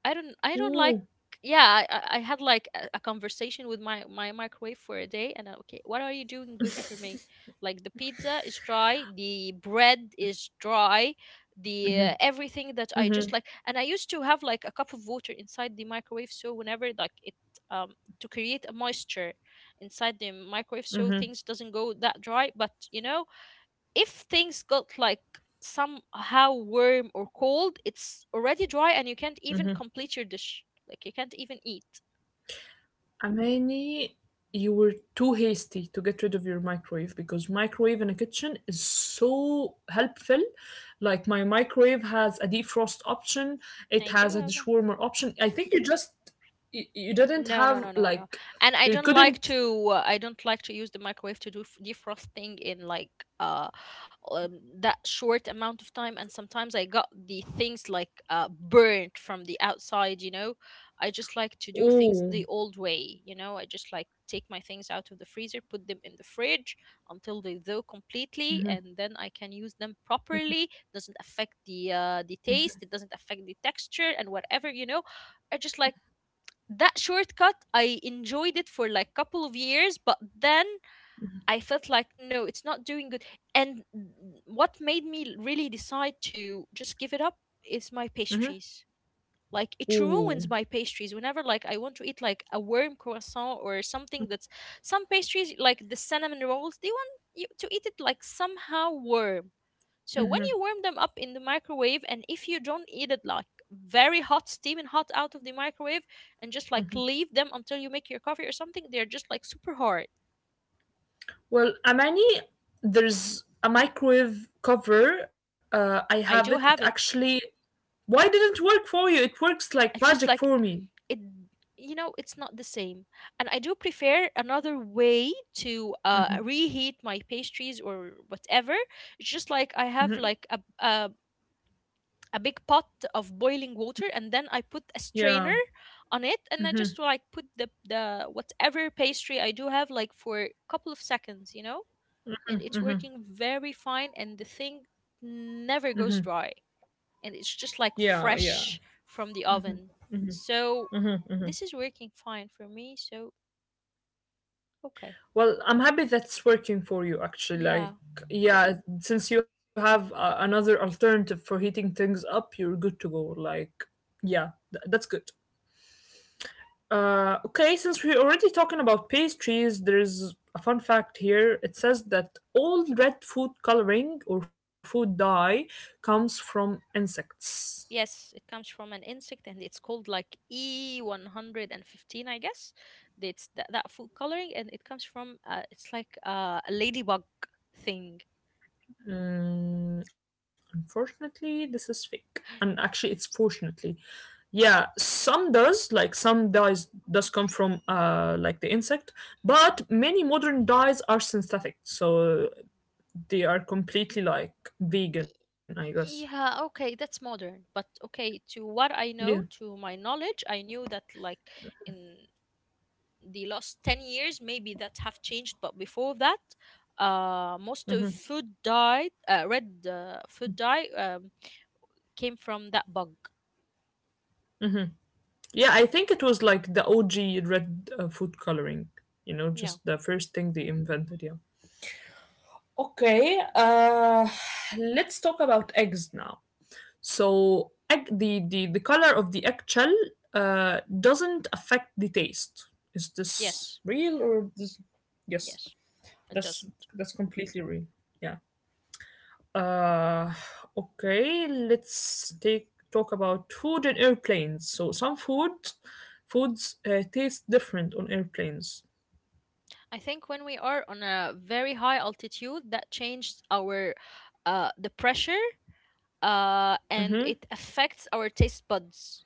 I don't I don't like.
Ooh.
Yeah, I, I I had like a, a conversation with my, my microwave for a day, and I, okay, what are you doing good for me? Like the pizza is dry, the bread is dry, the uh, everything that I
Mm-hmm,
just like, and I used to have like a cup of water inside the microwave so whenever like it um to create a moisture inside the microwave so
mm-hmm.
things doesn't go that dry, but you know if things got like somehow warm or cold, it's already dry and you can't even complete your dish. Like you can't even eat.
Amani, you were too hasty to get rid of your microwave because microwave in a kitchen is so helpful. Like my microwave has a defrost option, it
Now, do
has a
have
dishwarmer option. I think you just you, you didn't
no, no,
have
no, no, no.
like
And I
you
don't like
couldn't.
to uh, I don't like to use the microwave to do f- defrosting in like uh um, that short amount of time, and sometimes I got the things like uh burnt from the outside, you know. I just like to do things the
Oh,
old way, you know. I just like take my things out of the freezer, put them in the fridge until they thaw completely, and then I can use them properly. Doesn't affect the uh the taste, it doesn't affect the texture and whatever, you know. I just like that shortcut. I enjoyed it for like couple of years, but then I felt like no, it's not doing good. And what made me really decide to just give it up is my pastries. Like it ruins my
oh.
pastries whenever like I want to eat like a warm croissant or something that's some pastries like the cinnamon rolls, they want you to eat it like somehow warm. So when you warm them up in the microwave, and if you don't eat it like very hot, steaming hot out of the microwave, and just like leave them until you make your coffee or something, they're just like super hard.
Well, Amani, there's a microwave cover. Uh, I have it.
I
It
do have it.
actually. Why didn't work for you? It works like
It's just
magic
like
for me.
it. You know, it's not the same. And I do prefer another way to uh, reheat my pastries or whatever. It's just like I have like a, a a big pot of boiling water and then I put a strainer
Yeah,
on it, and I just like put the the whatever pastry I do have like for a couple of seconds, you know? And it's working very fine, and the thing never goes dry, and it's just like
yeah, yeah.
fresh from the oven. So this is working fine for me, so okay.
Well, I'm happy that's working for you actually. Like,
Yeah.
yeah, since you have uh, another alternative for heating things up, you're good to go. Like, yeah, th- that's good. Uh, okay, since we're already talking about pastries, there's a fun fact here. It says that all red food coloring or food dye comes from insects.
Yes, it comes from an insect and it's called like E one fifteen, I guess. That's that, that food coloring, and it comes from uh, it's like uh, a ladybug thing.
Mm, unfortunately, this is fake. And actually, it's fortunately. Yeah, some does, like some dyes does come from uh like the insect, but many modern dyes are synthetic, so they are completely like vegan, I guess.
E, Yeah, okay, that's modern. But okay, to what I
Yeah.
know, to my knowledge, I knew that like in the last ten years, maybe that have changed, but before that, uh most of food dye, uh, red uh, food dye, um, came from that bug.
Yeah, I think it was like the O G red uh, food coloring, you know,
Yeah.
just the first thing they invented, yeah. Okay, uh let's talk about eggs now. So egg, the, the the color of the eggshell uh, doesn't affect the taste. Is this
Yes,
real or this? Yes,
yes, it
that's
doesn't.
that's completely real. Yeah. Uh, okay. Let's take talk about food and airplanes. So some food foods uh, taste different on airplanes.
I think when we are on a very high altitude, that changes our uh the pressure, uh and
Mm-hmm.
it affects our taste buds.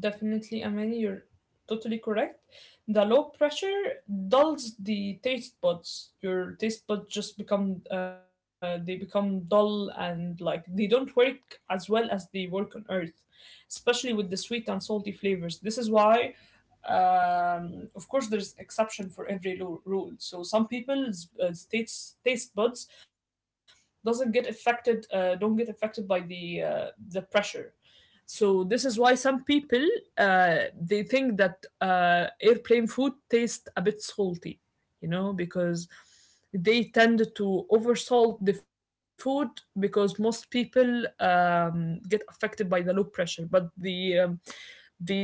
Definitely, Amani, you're totally correct. The low pressure dulls the taste buds. Your taste buds just become uh, they become dull and like they don't work as well as they work on earth, especially with the sweet and salty flavors. This is why um, of course there's exception for every lo- rule, so some people's uh, taste taste buds doesn't get affected uh, don't get affected by the uh, the pressure, so this is why some people uh, they think that uh, airplane food tastes a bit salty, you know, because they tend to oversalt the food because most people um, get affected by the low pressure. But the um,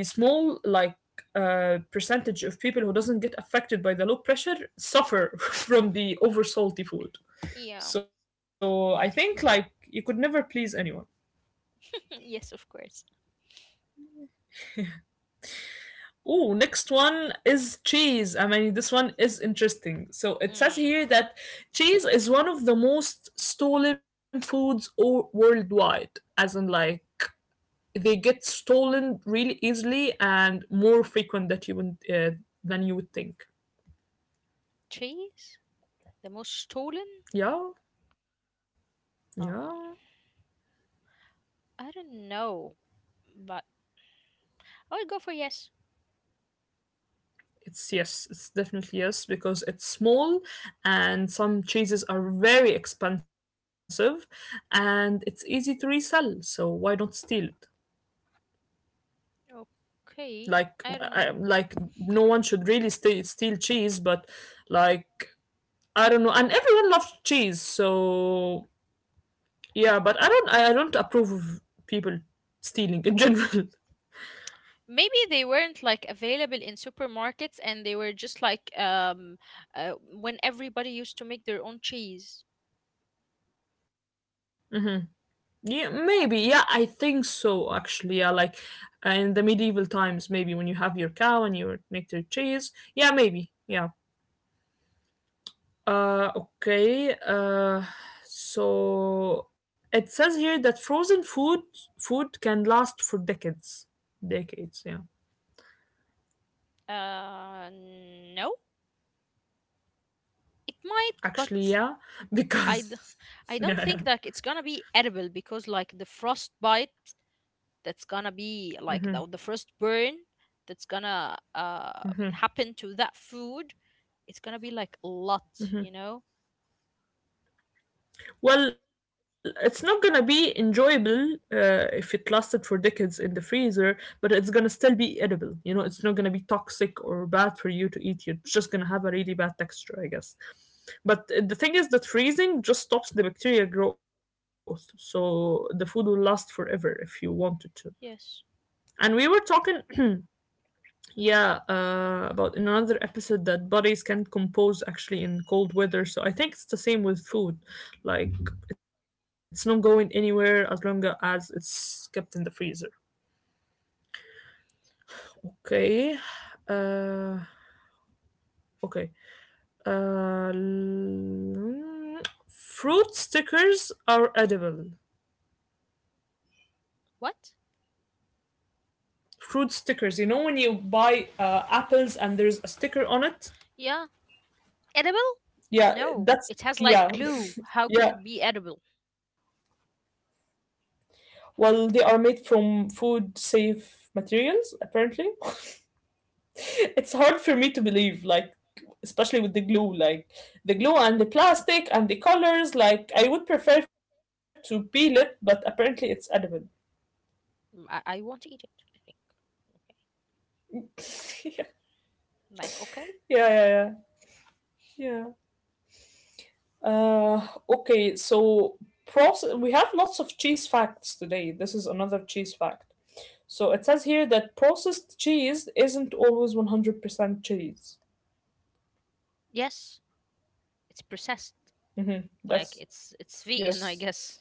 the small like uh, percentage of people who doesn't get affected by the low pressure suffer from the oversalty food.
Yeah.
So I think like you could never please anyone.
Yes, of course.
Oh, next one is cheese. I mean, this one is interesting. So it says
Mm.
here that cheese is one of the most stolen foods or worldwide, as in like they get stolen really easily and more frequent that you would uh, than you would think.
Cheese? The most stolen?
Yeah, yeah.
Um, I don't know, but I would go for yes.
It's yes, it's definitely yes because it's small and some cheeses are very expensive and it's easy to resell. So why not steal it?
Okay,
Like
I don't
I,
know.
like no one should really steal steal cheese but like I don't know and everyone loves cheese so yeah but i don't i, I don't approve of people stealing in general.
Maybe they weren't like available in supermarkets, and they were just like um uh, when everybody used to make their own cheese.
hmm yeah maybe yeah I think so actually yeah like uh, in the medieval times maybe when you have your cow and you make their cheese yeah maybe yeah. Uh, okay. Uh, so it says here that frozen food food can last for decades. Decades, yeah.
Uh, no, it might, but
Actually, yeah,
it I d-
because
I
yeah,
don't
yeah.
think that it's gonna be edible because like the frostbite, that's gonna be like the, the first burn that's gonna uh, happen to that food. It's gonna be like a lot, you know.
Well, it's not gonna be enjoyable uh, if it lasted for decades in the freezer, but it's gonna still be edible. You know, it's not gonna be toxic or bad for you to eat. You're just gonna have a really bad texture, I guess. But uh, the thing is that freezing just stops the bacteria growth, so the food will last forever if you want it to.
Yes.
And we were talking yeah, uh, about in another episode that bodies can compose actually in cold weather. So I think it's the same with food. Like it's not going anywhere as long as it's kept in the freezer. Okay. Uh, okay. Uh, l- fruit stickers are edible.
What?
Fruit stickers. You know when you buy uh, apples and there's a sticker on it.
Yeah. Edible?
Yeah,
No,
that's
it has like
yeah,
glue. How could
yeah.
it be edible?
Well, they are made from food safe materials, apparently. It's hard for me to believe, like, especially with the glue, like, the glue and the plastic and the colors. Like, I would prefer to peel it, but apparently it's edible.
Mm, I, I won't eat it. Like, okay.
yeah,
Like, okay.
yeah, yeah, yeah. Uh, okay, so process. We have lots of cheese facts today. This is another cheese fact. So it says here that processed cheese isn't always one hundred percent cheese.
Yes, it's processed.
Mm-hmm.
Like
That's
it's it's vegan, I
yes.
guess.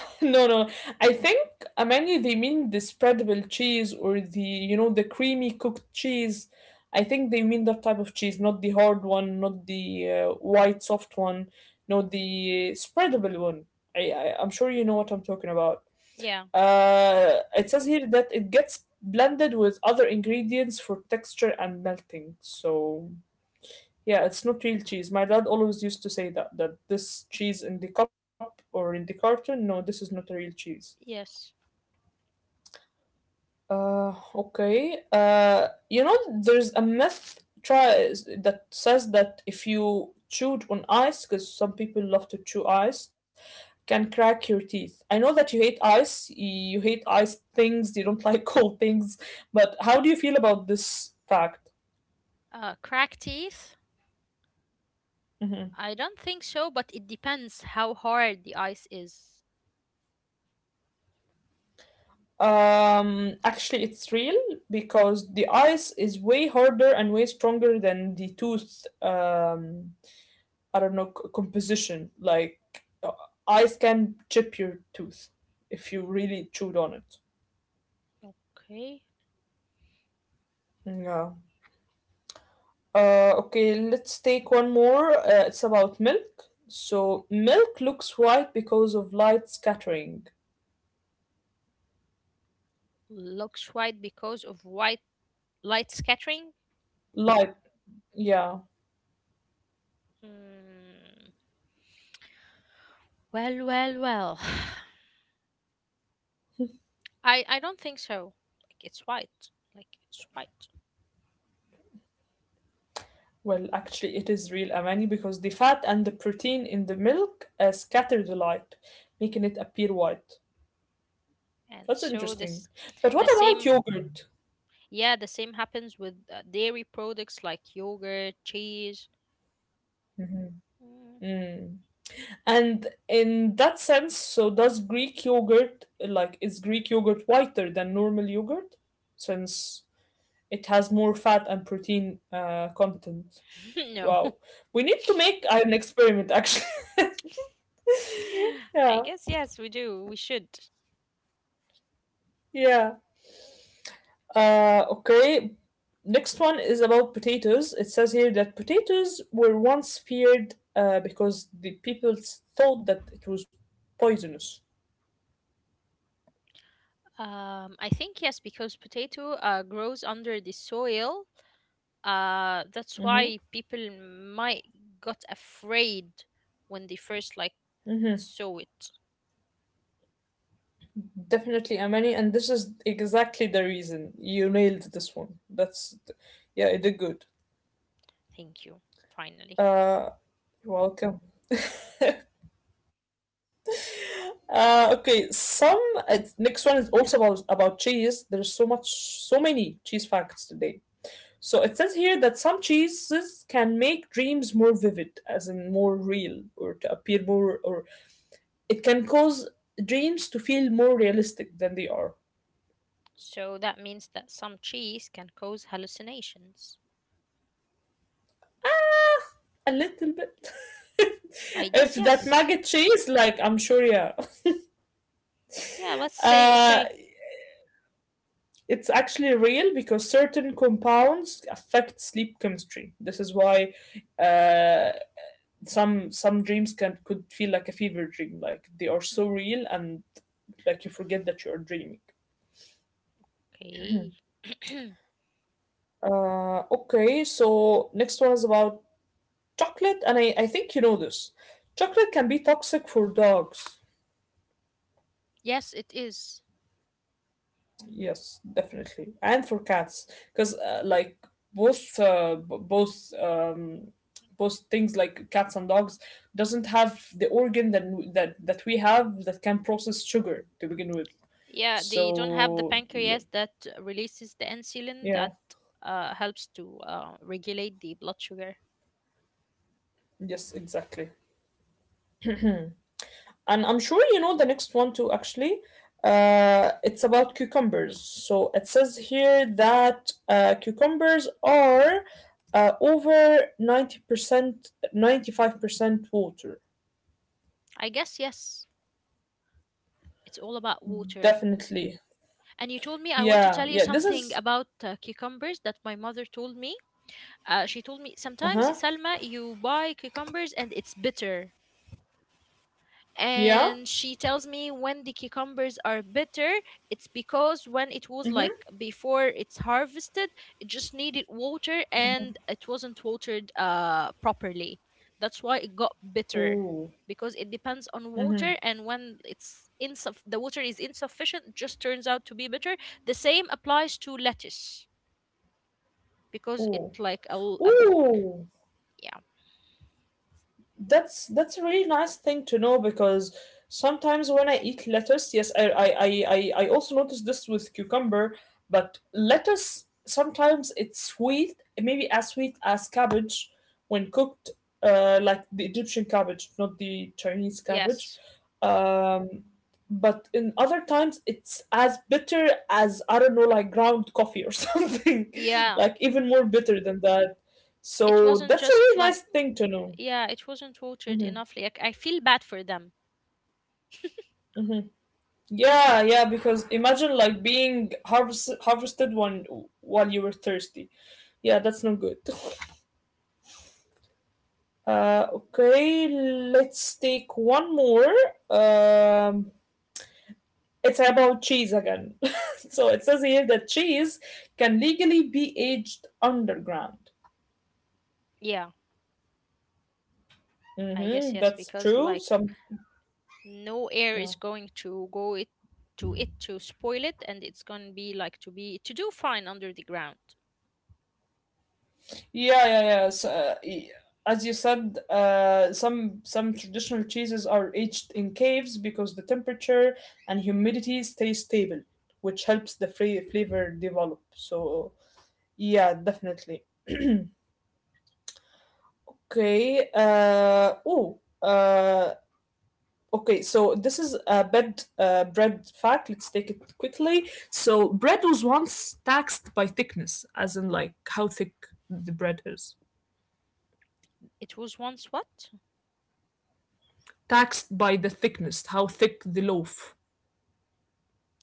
No, no. I think, Amani, they mean the spreadable cheese or the you know the creamy cooked cheese. I think they mean that type of cheese, not the hard one, not the uh, white soft one, not the spreadable one. I, I I'm sure you know what I'm talking about.
Yeah,
Uh, it says here that it gets blended with other ingredients for texture and melting. So yeah, it's not real cheese. My dad always used to say that that this cheese in the cup or in the carton, no, this is not a real cheese.
yes.
Uh, okay. Uh, you know, there's a myth try that says that if you chewed on ice, because some people love to chew ice, can crack your teeth. I know that you hate ice. You hate ice things. You don't like cold things. But how do you feel about this fact?
Uh, cracked teeth?
Hmm.
I don't think so, but it depends how hard the ice is.
Um, actually, it's real because the ice is way harder and way stronger than the tooth. Um, I don't know c- composition. Like uh, ice can chip your tooth if you really chewed on it.
Okay.
Yeah. Uh, okay, let's take one more. Uh, it's about milk. So milk looks white because of light scattering.
Looks white because of white light scattering?
Light, yeah.
Mm, well, well, well. I, I don't think so. Like it's white. Like it's white.
Well, actually, it is real amani because the fat and the protein in the milk uh, scatter the light, making it appear white.
And
That's
so this
interesting. But
the
what about
same,
yogurt?
yeah, the same happens with uh, dairy products like yogurt, cheese. Hmm.
Hmm. And in that sense, so does Greek yogurt, like, is Greek yogurt whiter than normal yogurt? Since it has more fat and protein uh, content.
No.
Wow. We need to make an experiment, actually.
I
yeah,
guess yes, we do. We should.
yeah. Uh, okay. Next one is about potatoes. It says here that potatoes were once feared uh, because the people thought that it was poisonous.
Um, I think yes, because potato uh, grows under the soil. Uh, that's
Mm-hmm.
why people might got afraid when they first like saw it.
Definitely, Amani, and this is exactly the reason you nailed this one. That's, yeah, you did good.
Thank you. Finally.
Uh, you're welcome. Uh, okay, some uh, next one is also about about cheese. There's so much, so many cheese facts today. So it says here that some cheeses can make dreams more vivid, as in more real, or to appear more, or it can cause dreams to feel more realistic than they are.
So that means that some cheese can cause hallucinations.
Ah, a little bit.
I
if
guess
that
yes.
maggot cheese, like I'm sure, yeah.
Yeah, let's say
Uh,
okay.
it's actually real because certain compounds affect sleep chemistry. This is why uh, some some dreams can could feel like a fever dream, like they are so real and like you forget that you are dreaming.
Okay.
Uh, okay, so next one is about chocolate, and I, I think you know this. Chocolate can be toxic for dogs.
Yes, it is.
Yes, definitely. And for cats, because uh, like both uh, b- both um, both things like cats and dogs doesn't have the organ that w- that that we have that can process sugar to begin with.
Yeah, they don't have the
So yeah,
pancreas that releases the insulin
yeah,
that uh, helps to uh, regulate the blood sugar.
yes, exactly. And I'm sure you know the next one too, actually. Uh, it's about cucumbers. So it says here that uh, cucumbers are uh, over ninety percent, ninety-five percent water.
I guess yes, it's all about water.
Definitely.
And you told me, I want to
Yeah,
tell you
yeah. This
something
is.
about uh, cucumbers that my mother told me. Uh, she told me,
Uh
sometimes,
huh.
Salma, you buy cucumbers and it's bitter.
Yeah.
And she tells me, when the cucumbers are bitter, it's because when it was
Mm hmm.
like before it's harvested, it just needed water and it wasn't watered uh properly. That's why it got bitter,
Ooh.
because it depends on
Mm
water, and when it's insuff- the water is insufficient, it just turns out to be bitter. The same applies to lettuce,
hmm.
because it
Ooh.
like a l- um,
Ooh.
yeah,
That's that's a really nice thing to know because sometimes when I eat lettuce, yes, I I I I I also notice this with cucumber, but lettuce sometimes it's sweet, maybe as sweet as cabbage when cooked, uh, like the Egyptian cabbage, not the Chinese cabbage.
yes,
Um, but in other times it's as bitter as I don't know, like ground coffee or something,
yeah,
like even more bitter than that.
it
So
wasn't
that's a
just
really
like,
nice thing to know.
yeah, it wasn't watered
Mhm.
enough. Like, I feel bad for them.
Yeah, yeah, because imagine like being harvest harvested one while you were thirsty. Yeah, that's not good. Uh, okay, let's take one more. Um, it's about cheese again. so it says here that cheese can legally be aged underground.
Yeah, I guess
Mm-hmm,
yes,
that's
because
true.
like
Some
no air
yeah.
is going to go it to it to spoil it, and it's gonna be like to be to do fine under the ground.
Yeah, yeah, yeah. So, uh, y- as you said, uh, some some traditional cheeses are aged in caves because the temperature and humidity stay stable, which helps the fra- flavor develop. So, yeah, definitely. Okay. Uh, oh. Uh, okay. So this is a bread uh, bread fact. Let's take it quickly. So bread was once taxed by thickness, as in like how thick the bread is.
It was once what?
Taxed by the thickness, how thick the loaf.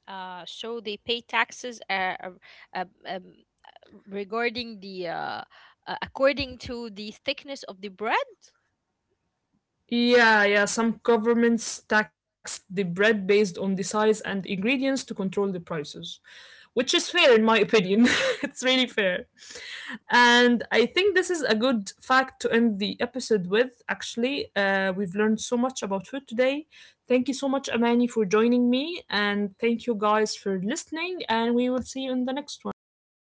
uh so they pay taxes, uh, uh, uh, um, regarding the uh, uh, according to the thickness of the bread.
Yeah, yeah, some governments tax the bread based on the size and ingredients to control the prices, which is fair in my opinion. it's really fair. And I think this is a good fact to end the episode with, actually. Uh, we've learned so much about food today. Thank you so much, Amani, for joining me. And thank you guys for listening. And we will see you in the next one. Bye.